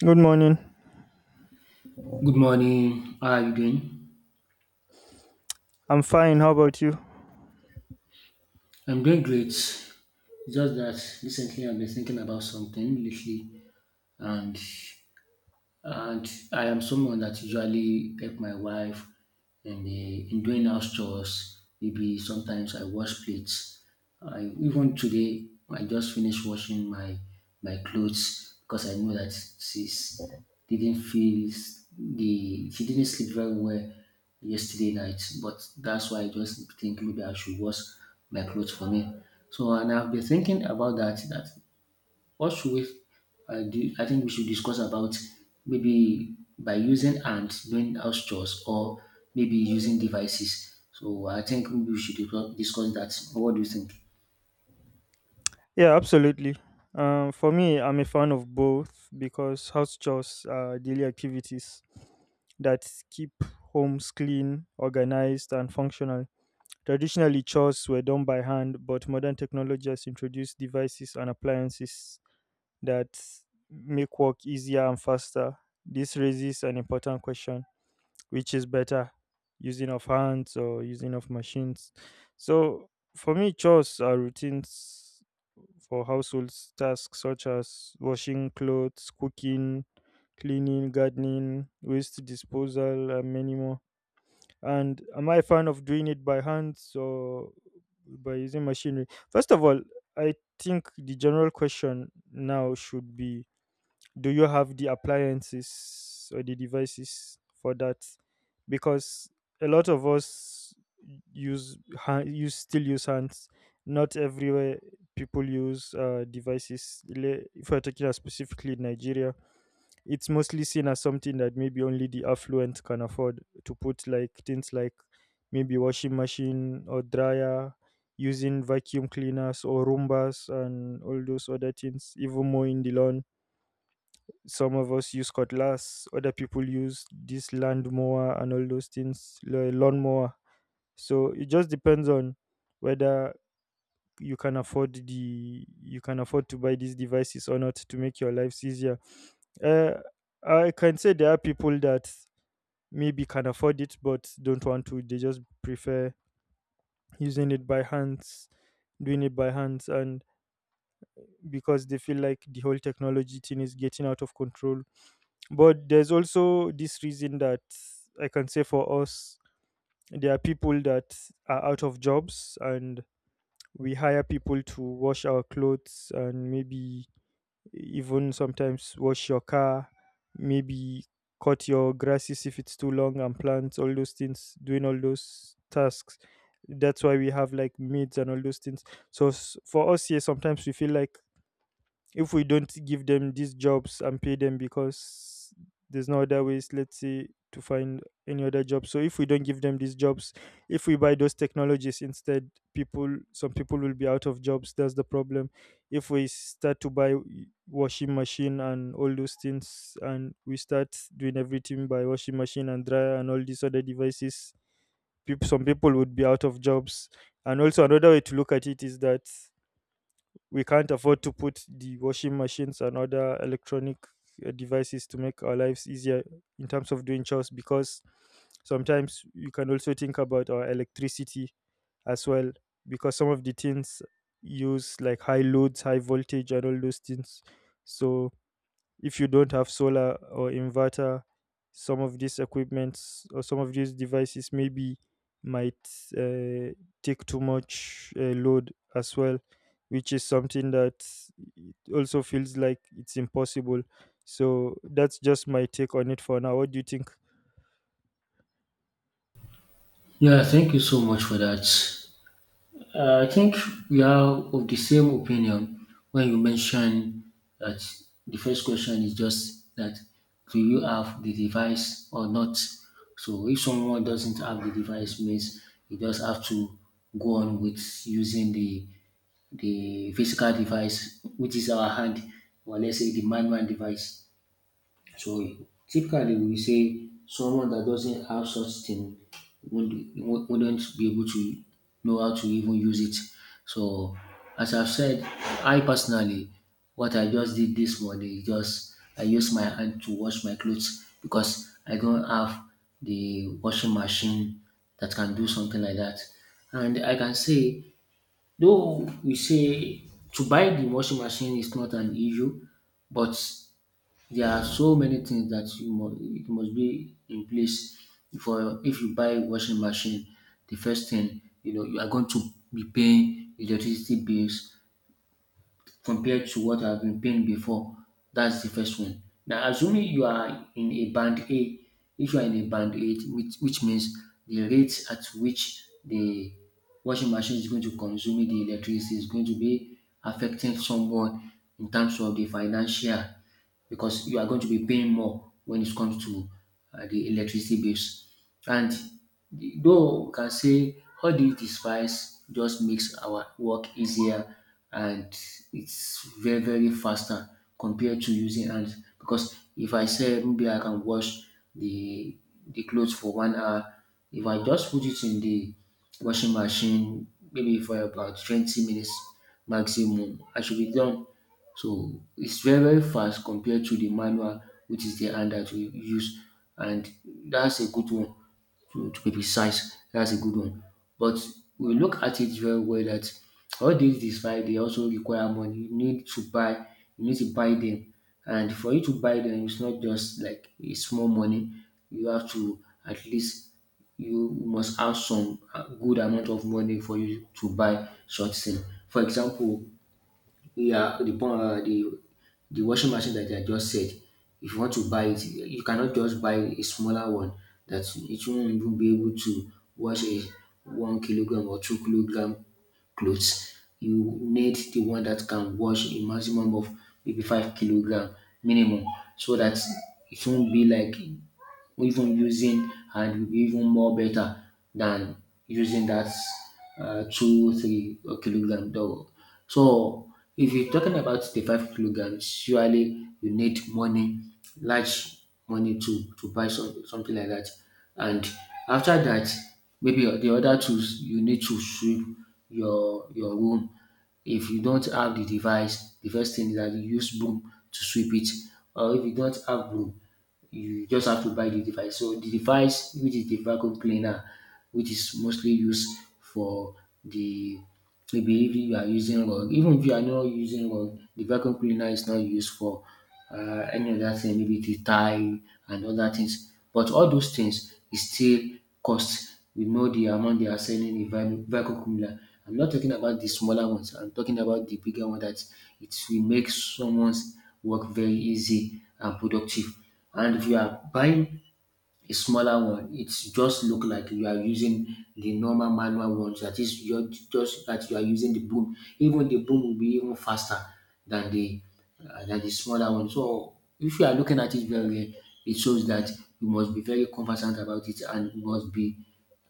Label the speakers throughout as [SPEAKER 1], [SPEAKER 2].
[SPEAKER 1] Good morning.
[SPEAKER 2] Good morning. How are you doing?
[SPEAKER 1] I'm fine. How about you?
[SPEAKER 2] I'm doing great. It's just that recently I've been thinking about something lately, and and I am someone that usually help my wife in doing house chores. Maybe sometimes I wash plates. I even today I just finished washing my clothes because I know that she's didn't feel s- the she didn't sleep very well yesterday night. But that's why I just think maybe I should wash my clothes for me. So and I've been thinking about that what should we do? I think we should discuss about maybe by using hands doing house chores or maybe using devices. So I think maybe we should discuss that. What do you think?
[SPEAKER 1] Yeah, absolutely. For me, I'm a fan of both because house chores are daily activities that keep homes clean, organized, and functional. Traditionally, chores were done by hand, but modern technology has introduced devices and appliances that make work easier and faster. This raises an important question: which is better, using of hands or using of machines? So for me, chores are routines for household tasks such as washing clothes, cooking, cleaning, gardening, waste disposal, and many more. And am I a fan of doing it by hands or by using machinery? First of all, I think the general question now should be, do you have the appliances or the devices for that? Because a lot of us use hand, use still use hands. Not everywhere people use devices. If we're talking about specifically in nigeria, it's mostly seen as something that maybe only the affluent can afford to put, like things like maybe washing machine or dryer, using vacuum cleaners or roombas and all those other things, even more in the lawn. Some of us use cutlass, other people use this lawnmower and all those things, lawnmower. So it just depends on whether you can afford the you can afford to buy these devices or not, to make your lives easier. Uh, I can say there are people that maybe can afford it but don't want to. They just prefer using it by hands, doing it by hands, and because they feel like the whole technology thing is getting out of control. But there's also this reason that I can say for us, there are people that are out of jobs, and we hire people to wash our clothes and maybe even sometimes wash your car, maybe cut your grasses if it's too long and plants, all those things, doing all those tasks. That's why we have like maids and all those things. So for us here, sometimes we feel like if we don't give them these jobs and pay them, because there's no other ways, let's say, to find any other job. So if we don't give them these jobs, if we buy those technologies instead, people some people will be out of jobs. That's the problem. If we start to buy washing machine and all those things, and we start doing everything by washing machine and dryer and all these other devices, people some people would be out of jobs. And also another way to look at it is that we can't afford to put the washing machines and other electronic devices to make our lives easier in terms of doing chores, because sometimes you can also think about our electricity as well, because some of the things use like high loads, high voltage, and all those things. So if you don't have solar or inverter, some of these equipments or some of these devices maybe might uh, take too much load as well, which is something that also feels like it's impossible. So that's just my take on it for now. What do you think?
[SPEAKER 2] Yeah, thank you so much for that. I think we are of the same opinion when you mention that the first question is just that, do you have the device or not? So if someone doesn't have the device means you just have to go on with using the physical device, which is our hand, or let's say the manual device. So typically we say someone that doesn't have such thing wouldn't, wouldn't be able to know how to even use it. So as I've said, I personally, what I just did this morning is just I use my hand to wash my clothes because I don't have the washing machine that can do something like that. And I can say, though we say to buy the washing machine is not an issue, but there are so many things that it must be in place before if you buy washing machine. The first thing, you know, you are going to be paying electricity bills compared to what I've been paying before. That's the first one. Now, assuming you are in a band A, if you are in a band A, which means the rate at which the washing machine is going to consume the electricity is going to be affecting someone in terms of the financial, because you are going to be paying more when it comes to the electricity bills. And Though we can say all dis device just makes our work easier and it's very faster compared to using hands, because if I say maybe I can wash the the clothes for 1 hour, if I just put it in the washing machine maybe for about 20 minutes maximum, I should be done. So it's very very fast compared to the manual, which is the hand that we use, and that's a good one to be precise. That's a good one. But we look at it very well that all these despite they also require money. You need to buy them. And for you to buy them, it's not just like a small money. You have to at least you must have some good amount of money for you to buy such thing. For example, yeah, the, pon- the washing machine that I just said, if you want to buy it, you cannot just buy a smaller one that it won't even be able to wash a 1 kilogram or 2 kilogram clothes. You need the one that can wash a maximum of maybe 5 kilogram minimum so that it won't be like even using and will be even more better than using that 2 3 kilogram dog. So if you're talking about the 5 kilograms, surely you need money, large money to buy some, something like that. And after that, maybe the other tools you need to sweep your room. If you don't have the device, the first thing is that you use broom to sweep it. Or if you don't have broom, you just have to buy the device. So the device, which is the vacuum cleaner, which is mostly used for the, maybe if you are using rug, even if you are not using rug, the vacuum cleaner is not used for any other thing, maybe the tie and other things. But all those things is still cost. We know the amount they are selling in vacuum cooler. I'm not talking about the smaller ones. I'm talking about the bigger one that it will make someone's work very easy and productive. And if you are buying a smaller one, it just look like you are using the normal manual ones. That is, you're just that you are using the boom. Even the boom will be even faster than the than the smaller one. So if you are looking at it very well, it shows that you must be very conversant about it and you must be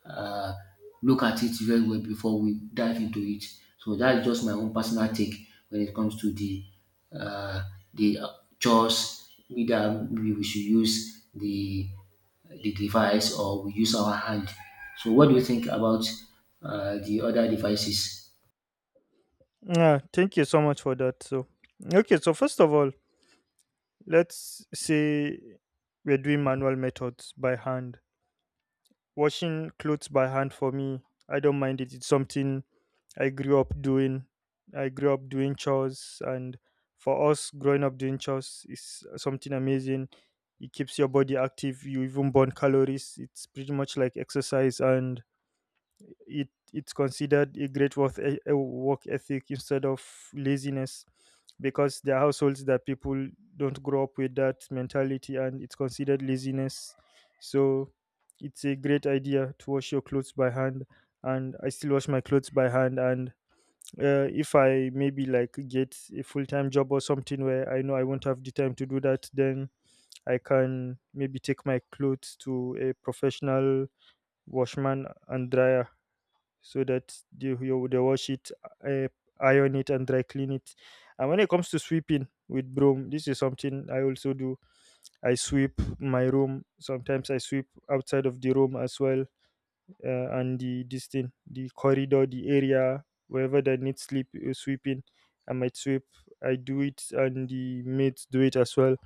[SPEAKER 2] uh, look at it very well before we dive into it. So that's just my own personal take when it comes to the uh, the uh, chores, either we should use the device or we use our hand. So what do you think about the other devices?
[SPEAKER 1] Yeah, thank you so much for that. So okay, so first of all, let's say we're doing manual methods by hand. Washing clothes by hand for me, I don't mind it. It's something I grew up doing. I grew up doing chores, and for us, growing up doing chores is something amazing. It keeps your body active. You even burn calories. It's pretty much like exercise, and it's considered a great work, work ethic instead of laziness, because there are households that people don't grow up with that mentality, and it's considered laziness. So it's a great idea to wash your clothes by hand, and I still wash my clothes by hand. And if I maybe like get a full-time job or something where I know I won't have the time to do that, then I can maybe take my clothes to a professional washman and dryer, so that they wash it, uh, iron it, and dry clean it. And when it comes to sweeping with broom, this is something I also do. I sweep my room. Sometimes I sweep outside of the room as well, and the this thing, the corridor, the area, wherever that needs sleep sweeping. I might sweep. I do it, and the mates do it as well.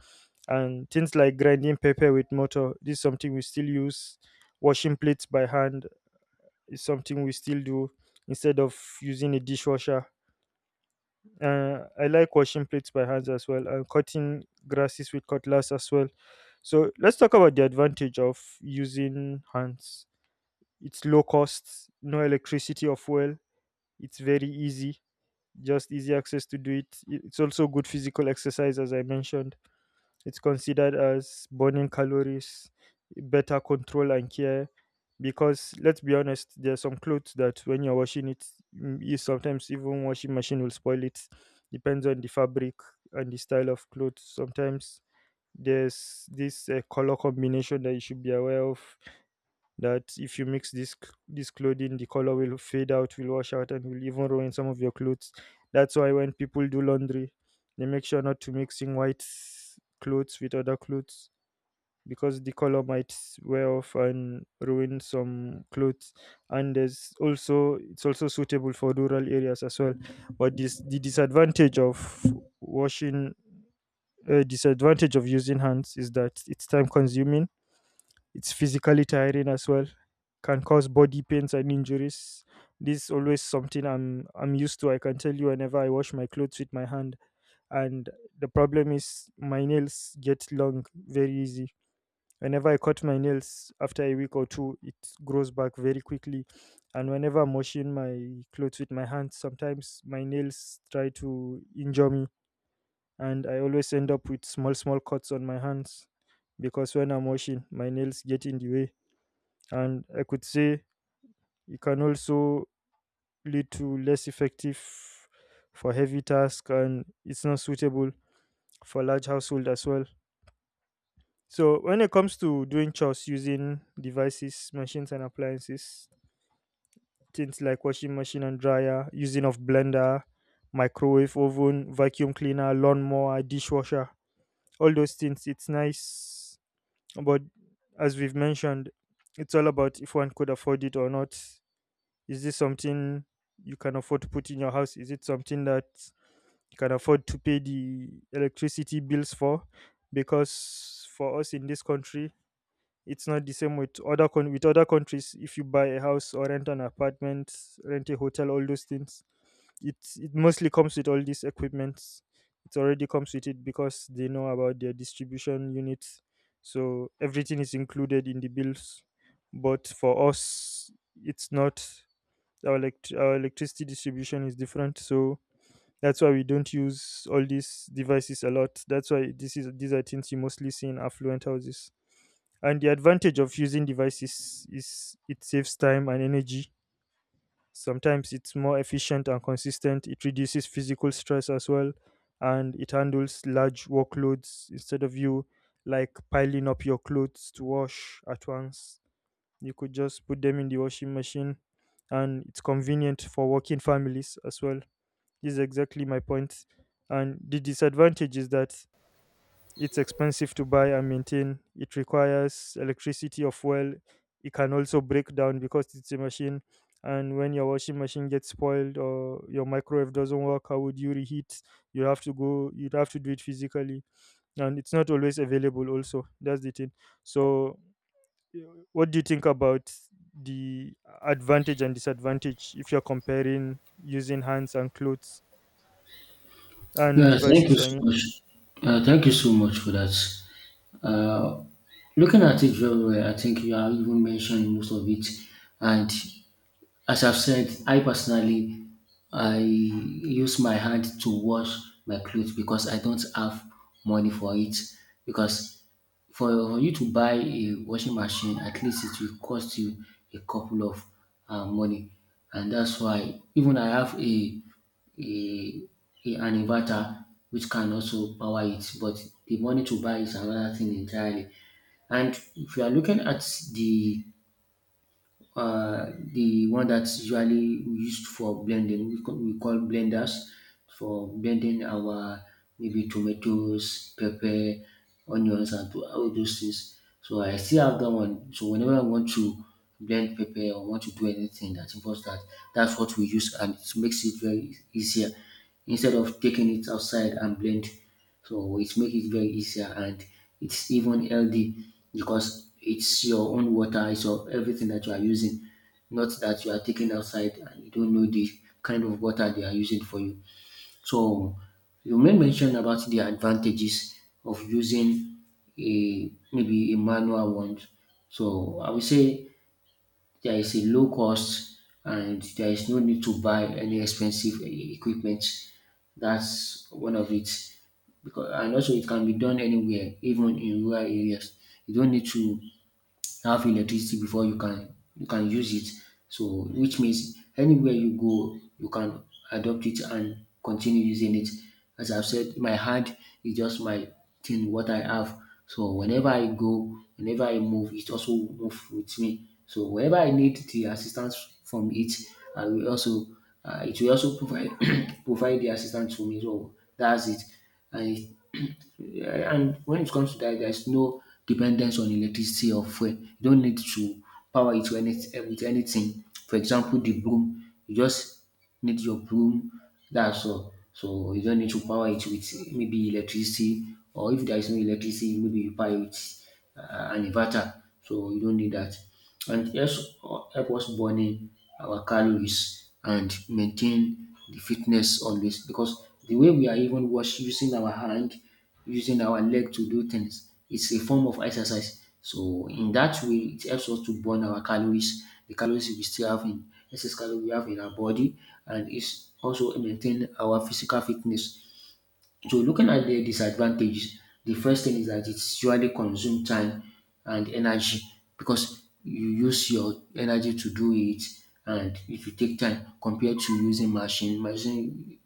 [SPEAKER 1] And things like grinding pepper with motor. This is something we still use. Washing plates by hand is something we still do instead of using a dishwasher. I like washing plates by hands as well, and cutting grasses with cutlass as well. So let's talk about the advantage of using hands. It's low cost, no electricity or fuel. It's very easy, just easy access to do it. It's also good physical exercise. As I mentioned, it's considered as burning calories, better control and care. Because let's be honest, there are some clothes that when you're washing it, you sometimes, even washing machine will spoil it. Depends on the fabric and the style of clothes. Sometimes there's this color combination that you should be aware of, that if you mix this clothing, the color will fade out, will wash out, and will even ruin some of your clothes. That's why when people do laundry, they make sure not to mixing white clothes with other clothes, because the color might wear off and ruin some clothes. And there's also it's also suitable for rural areas as well. But this the washing disadvantage of using hands is that it's time consuming, it's physically tiring as well. Can cause body pains and injuries. This is always something I'm used to. I can tell you, whenever I wash my clothes with my hand. And the problem is my nails get long very easy. Whenever I cut my nails after a week or two, it grows back very quickly. And whenever I'm washing my clothes with my hands, sometimes my nails try to injure me. And I always end up with small, small cuts on my hands, because when I'm washing, my nails get in the way. And I could say it can also lead to less effective for heavy tasks, and it's not suitable for large household as well. So when it comes to doing chores using devices, machines and appliances, things like washing machine and dryer, using of blender, microwave oven, vacuum cleaner, lawnmower, dishwasher, all those things, it's nice. But as we've mentioned, it's all about if one could afford it or not. Is this something you can afford to put in your house? Is it something that you can afford to pay the electricity bills for? Because for us in this country, it's not the same with with other countries. If you buy a house or rent an apartment, rent a hotel, all those things, it mostly comes with all these equipments. It already comes with it because they know about their distribution units, so everything is included in the bills. But for us, it's not our, our electricity distribution is different. So that's why we don't use all these devices a lot. That's why this is these are things you mostly see in affluent houses. And the advantage of using devices is it saves time and energy. Sometimes it's more efficient and consistent. It reduces physical stress as well, and it handles large workloads. Instead of you like piling up your clothes to wash at once, you could just put them in the washing machine, and it's convenient for working families as well. This is exactly my point. And the disadvantage is that it's expensive to buy and maintain. It requires electricity of well. It can also break down because it's a machine. And when your washing machine gets spoiled or your microwave doesn't work, how would you reheat? You have to go. You'd have to do it physically, and it's not always available. Also, that's the thing. So what do you think about the advantage and disadvantage if you're comparing using hands and clothes and
[SPEAKER 2] Yeah, thank you
[SPEAKER 1] devices? I
[SPEAKER 2] so
[SPEAKER 1] mean,
[SPEAKER 2] much. Thank you so much for that. Uh, looking at it very well, I think you have even mentioned most of it. And as I've said, I personally I use my hand to wash my clothes because I don't have money for it. Because for you to buy a washing machine, at least it will cost you a couple of money, and that's why even I have a, a an inverter which can also power it, but the money to buy is another thing entirely. And if you are looking at the the one that's usually used for blending. We call blenders for blending our maybe tomatoes, pepper, onions, and all those things. So I still have that one. So whenever I want to blend pepper or want to do anything that involves that, that's what we use, and it makes it easier instead of taking it outside and blend. So it makes it very easier and it's even healthy because it's your own water, it's your everything that you are using, not that you are taking outside and you don't know the kind of water they are using for you. So you may mention about the advantages of using a maybe a manual one. So I would say there is a low cost and there is no need to buy any expensive equipment. That's one of it. Because and also it can be done anywhere, even in rural areas. You don't need to have electricity before you can use it. So which means anywhere you go, you can adopt it and continue using it. As I've said, my hand is just my thing, what I have. So whenever I go, whenever I move, it also move with me. So whenever I need the assistance from it, I will also it will also provide provide the assistance to me. So that's it. And it, yeah, and when it comes to that, there's no dependence on electricity or fuel. You don't need to power it with with anything. For example, the broom, you just need your broom. That's all. So you don't need to power it with maybe electricity, or if there is no electricity, maybe you power it with an inverter. So you don't need that. And yes, help us burning our calories and maintain the fitness always, because the way we are even wash using our hand, using our leg to do things, it's a form of exercise. So in that way, it helps us to burn our calories, the calories we still have in excess calories we have in our body, and it's also maintain our physical fitness. So looking at the disadvantages, the first thing is that it surely consume time and energy, because you use your energy to do it and it will take time compared to using machine. Machine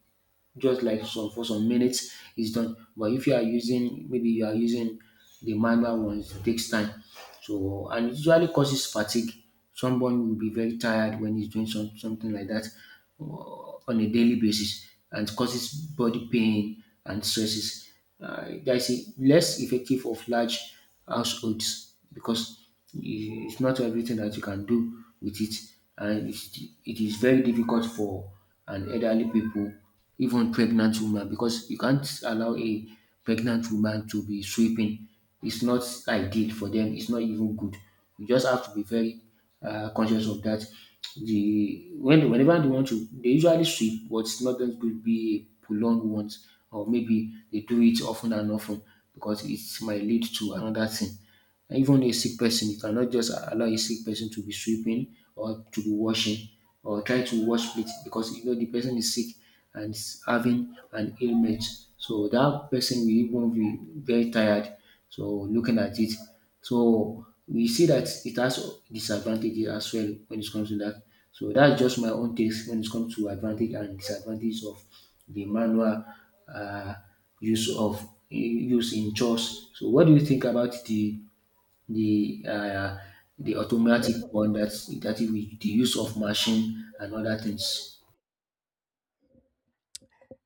[SPEAKER 2] just like some for some minutes it's done. But if you are using maybe you are using the manual ones, it takes time. So and it usually causes fatigue. Someone will be very tired when he's doing something like that on a daily basis, and it causes body pain and stresses. That's it. Less effective of large households because it's not everything that you can do with it, and it's, it is very difficult for an elderly people, even pregnant woman, because you can't allow a pregnant woman to be sweeping. It's not ideal for them. It's not even good. You just have to be very conscious of that. The when whenever they want to, they usually sweep, but it's not going to be a prolonged one, or maybe they do it often and often, because it might lead to another thing. Even a sick person, you cannot just allow a sick person to be sweeping or to be washing or try to wash plates because you know the person is sick and is having an ailment. So that person will even be very tired. So looking at it, so we see that it has disadvantages as well when it comes to that. So that's just my own takes when it comes to advantage and disadvantage of the manual uh, use in chores. So what do you think about the uh, the automatic one that is with the use of machine and other things?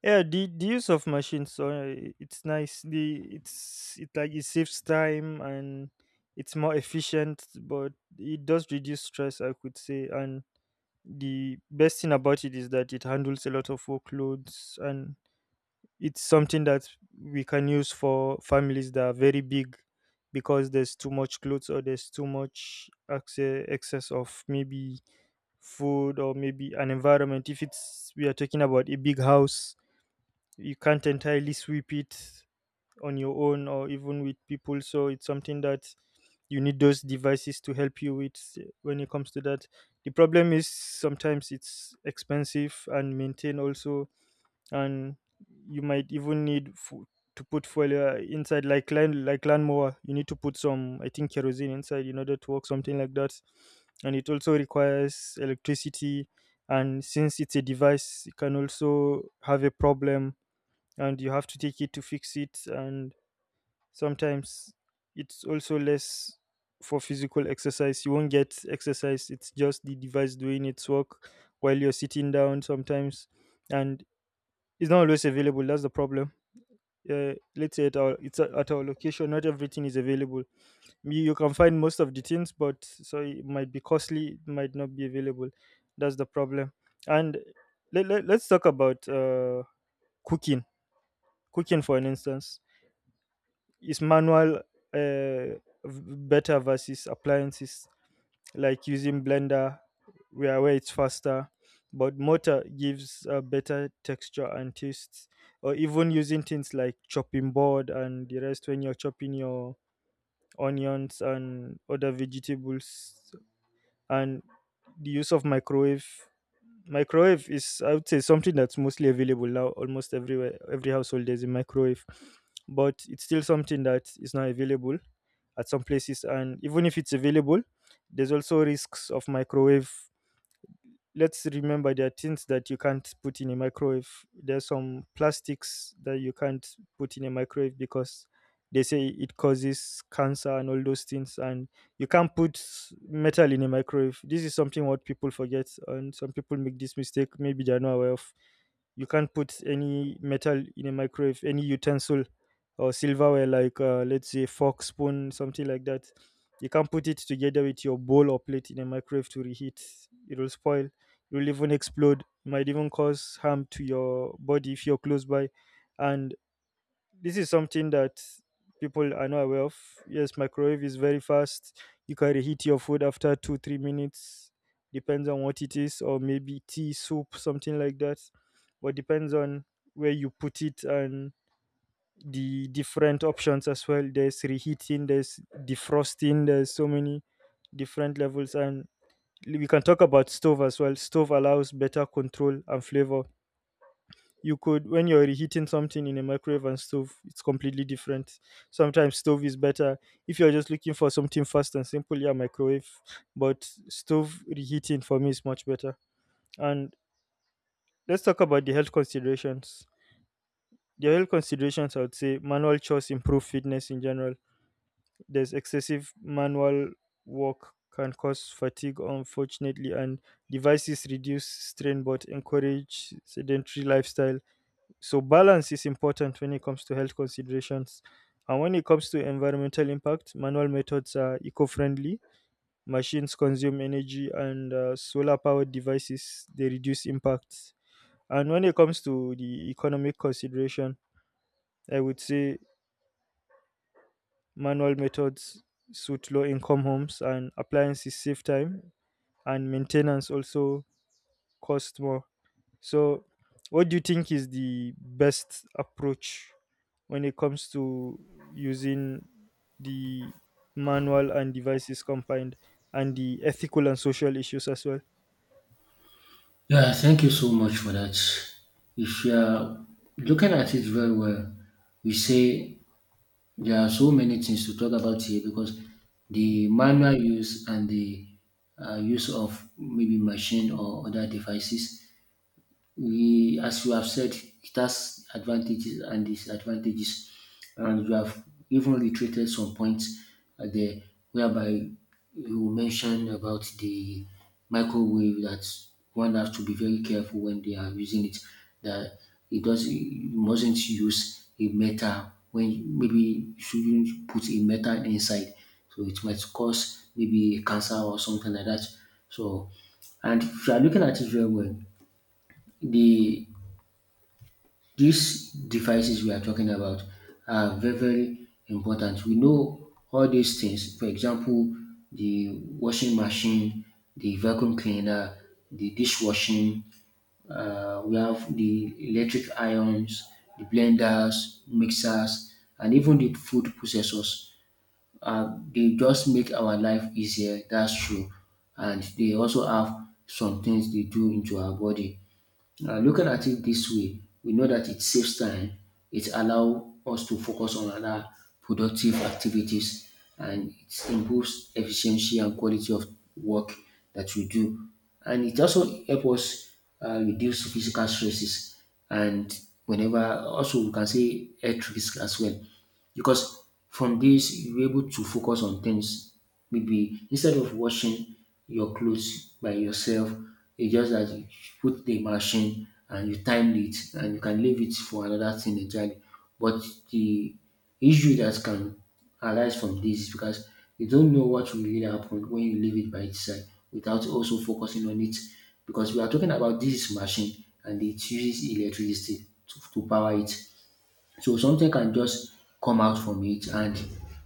[SPEAKER 1] yeah, the use of machines, so it's nice. The it's it like, it saves time, and it's more efficient, but it does reduce stress, I could say. And the best thing about it is that it handles a lot of workloads, and it's something that we can use for families that are very big, because there's too much clothes, or there's too much excess of maybe food, or maybe an environment if it's we are talking about a big house. You can't entirely sweep it on your own or even with people, so it's something that you need those devices to help you with when it comes to that. The problem is sometimes it's expensive and maintain also. And you might even need to put fuel inside, like land like lawnmower, you need to put some, I think, kerosene inside in order to work, something like that. And it also requires electricity. And since it's a device, it can also have a problem, and you have to take it to fix it. And sometimes it's also less for physical exercise, you won't get exercise, it's just the device doing its work while you're sitting down sometimes. And it's not always available. That's the problem. Let's say at our location, not everything is available. You can find most of the things, but so it might be costly. It might not be available. That's the problem. And let's talk about cooking. Cooking, for an instance, is manual v- better versus appliances. Like using blender, where it's faster, but motor gives a better texture and taste. Or even using things like chopping board and the rest when you're chopping your onions and other vegetables. And the use of Microwave is, I would say, something that's mostly available now, almost everywhere, every household there's a microwave. But it's still something that is not available at some places. And even if it's available, there's also risks of microwave. Let's remember there are things that you can't put in a microwave. There's some plastics that you can't put in a microwave because they say it causes cancer and all those things. And you can't put metal in a microwave. This is something what people forget, and some people make this mistake. Maybe they are not aware of. You can't put any metal in a microwave, any utensil or silverware, like let's say fork, spoon, something like that. You can't put it together with your bowl or plate in a microwave to reheat. It will spoil, it will even explode, it might even cause harm to your body if you're close by. And this is something that people are not aware of. Yes, microwave is very fast. You can reheat your food after two, 3 minutes, depends on what it is, or maybe tea, soup, something like that. But depends on where you put it and the different options as well. There's reheating, there's defrosting, there's so many different levels. And we can talk about stove as well. Stove allows better control and flavor. You could, when you're reheating something in a microwave and stove, it's completely different. Sometimes stove is better. If you're just looking for something fast and simple, yeah, microwave. But stove reheating for me is much better. And let's talk about the health considerations. The health considerations, I would say, manual chores improve fitness in general. There's excessive manual work can cause fatigue, unfortunately. And devices reduce strain but encourage sedentary lifestyle. So balance is important when it comes to health considerations. And when it comes to environmental impact, manual methods are eco-friendly. Machines consume energy, and solar-powered devices they reduce impacts. And when it comes to the economic consideration, I would say manual methods suit low-income homes, and appliances save time, and maintenance also cost more. So, what do you think is the best approach when it comes to using the manual and devices combined and the ethical and social issues as well?
[SPEAKER 2] Yeah, thank you so much for that. If you are looking at it very well, we say there are so many things to talk about here because the manual use and the use of maybe machine or other devices, we, as you have said, it has advantages and disadvantages. And you have even reiterated some points there, whereby you mentioned about the microwave, that one has to be very careful when they are using it, that it does you mustn't use a metal, when maybe you shouldn't put a metal inside. So it might cause maybe cancer or something like that. So, and if you are looking at it very well, the these devices we are talking about are very, very important. We know all these things, for example, the washing machine, the vacuum cleaner, the dishwashing, we have the electric irons, the blenders, mixers, and even the food processors. They just make our life easier, that's true. And they also have some things they do into our body. Looking at it this way, we know that it saves time. It allows us to focus on other productive activities, and it improves efficiency and quality of work that we do. And it also helps us reduce physical stresses and, whenever, also we can say health risk as well. Because from this you're able to focus on things. Maybe instead of washing your clothes by yourself, it's just that you put the machine and you time it, and you can leave it for another thing entirely. But the issue that can arise from this is because you don't know what will really happen when you leave it by itself without also focusing on it. Because we are talking about this machine and it uses electricity to power it. So something can just come out from it and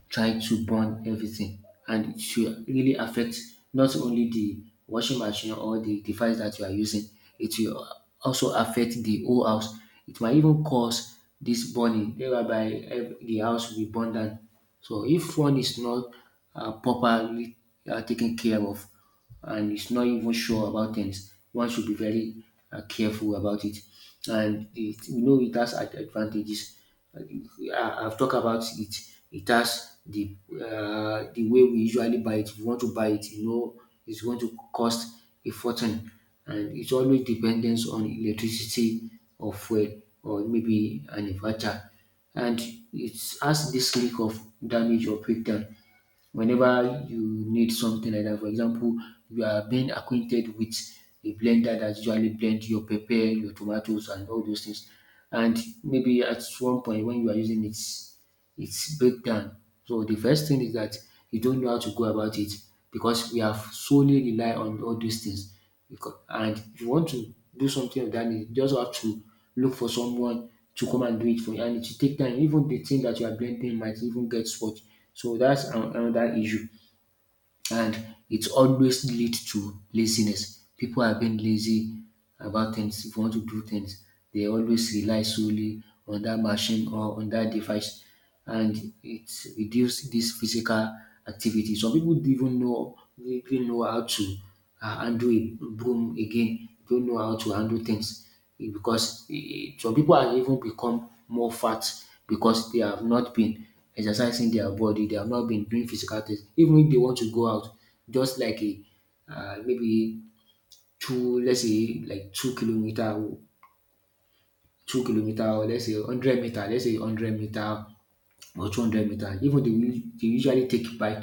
[SPEAKER 2] try to burn everything, and it should really affect not only the washing machine or the device that you are using, it will also affect the whole house. It might even cause this burning, whereby the house will be burned down. So if one is not properly taken care of, and it's not even sure about things, one should be very careful about it. And it has advantages. Uh, I've talked about it. It has the way we usually buy it. If you want to buy it, it's going to cost a fortune, and it's always dependence on electricity or fuel or maybe an inverter, and it has this risk of damage or breakdown whenever you need something like that. For example, you are being acquainted with a blender that usually blend your pepper, your tomatoes, and all those things. And maybe at one point when you are using it, it's break down. So the first thing is that you don't know how to go about it because we have solely rely on all these things. Becau and if you want to do something of that nature, you just have to look for someone to come and do it for you, and it will take time. Even the thing that you are blending might even get spoiled. So that's an another issue, and it always leads to laziness. People are being lazy about things. If you want to do things, they always rely solely on that machine or on that device, and it reduces this physical activity. Some people don't even know how to handle a broom again. Don't know how to handle things because some people have even become more fat because they have not been exercising their body, they have not been doing physical things. Even if they want to go out, just like a maybe two, let's say like two kilometer, or let's say 100 meter, let's say hundred meter or 200 meter. Even they usually take bike,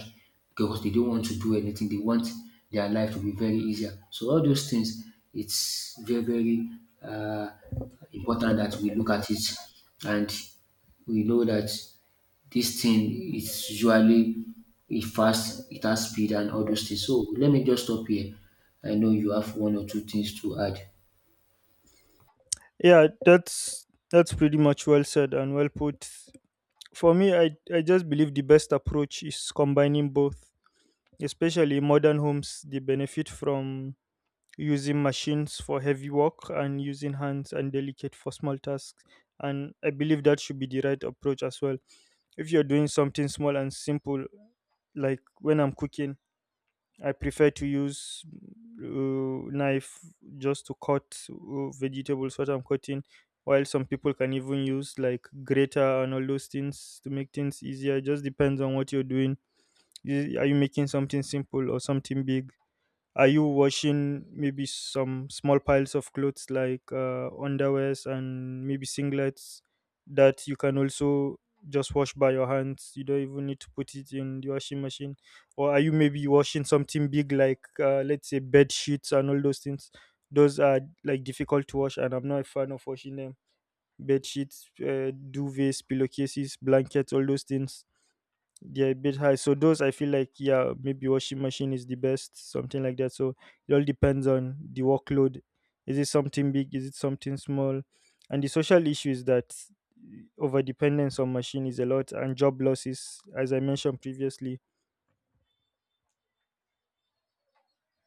[SPEAKER 2] because they don't want to do anything. They want their life to be very easier. So all those things, it's very, very uh, important that we look at it, and we know that this thing is usually it fast, it has speed, and all those things. So let me just stop here. I know you have one or two things to add.
[SPEAKER 1] Yeah, that's pretty much well said and well put. For me, I just believe the best approach is combining both, especially modern homes. They benefit from using machines for heavy work and using hands and delicate for small tasks. And I believe that should be the right approach as well. If you're doing something small and simple, like when I'm cooking, I prefer to use knife just to cut vegetables what I'm cutting. While some people can even use like grater and all those things to make things easier. It just depends on what you're doing. Are you making something simple or something big? Are you washing maybe some small piles of clothes, like underwears and maybe singlets that you can also just wash by your hands? You don't even need to put it in the washing machine. Or are you maybe washing something big, like let's say bed sheets and all those things? Those are like difficult to wash, and I'm not a fan of washing them. Bed sheets, duvets, pillowcases, blankets, all those things, they're a bit high. So those I feel like, yeah, maybe washing machine is the best, something like that. So it all depends on the workload. Is it something big? Is it something small? And the social issue is that over dependence on machine is a lot and job losses, as I mentioned previously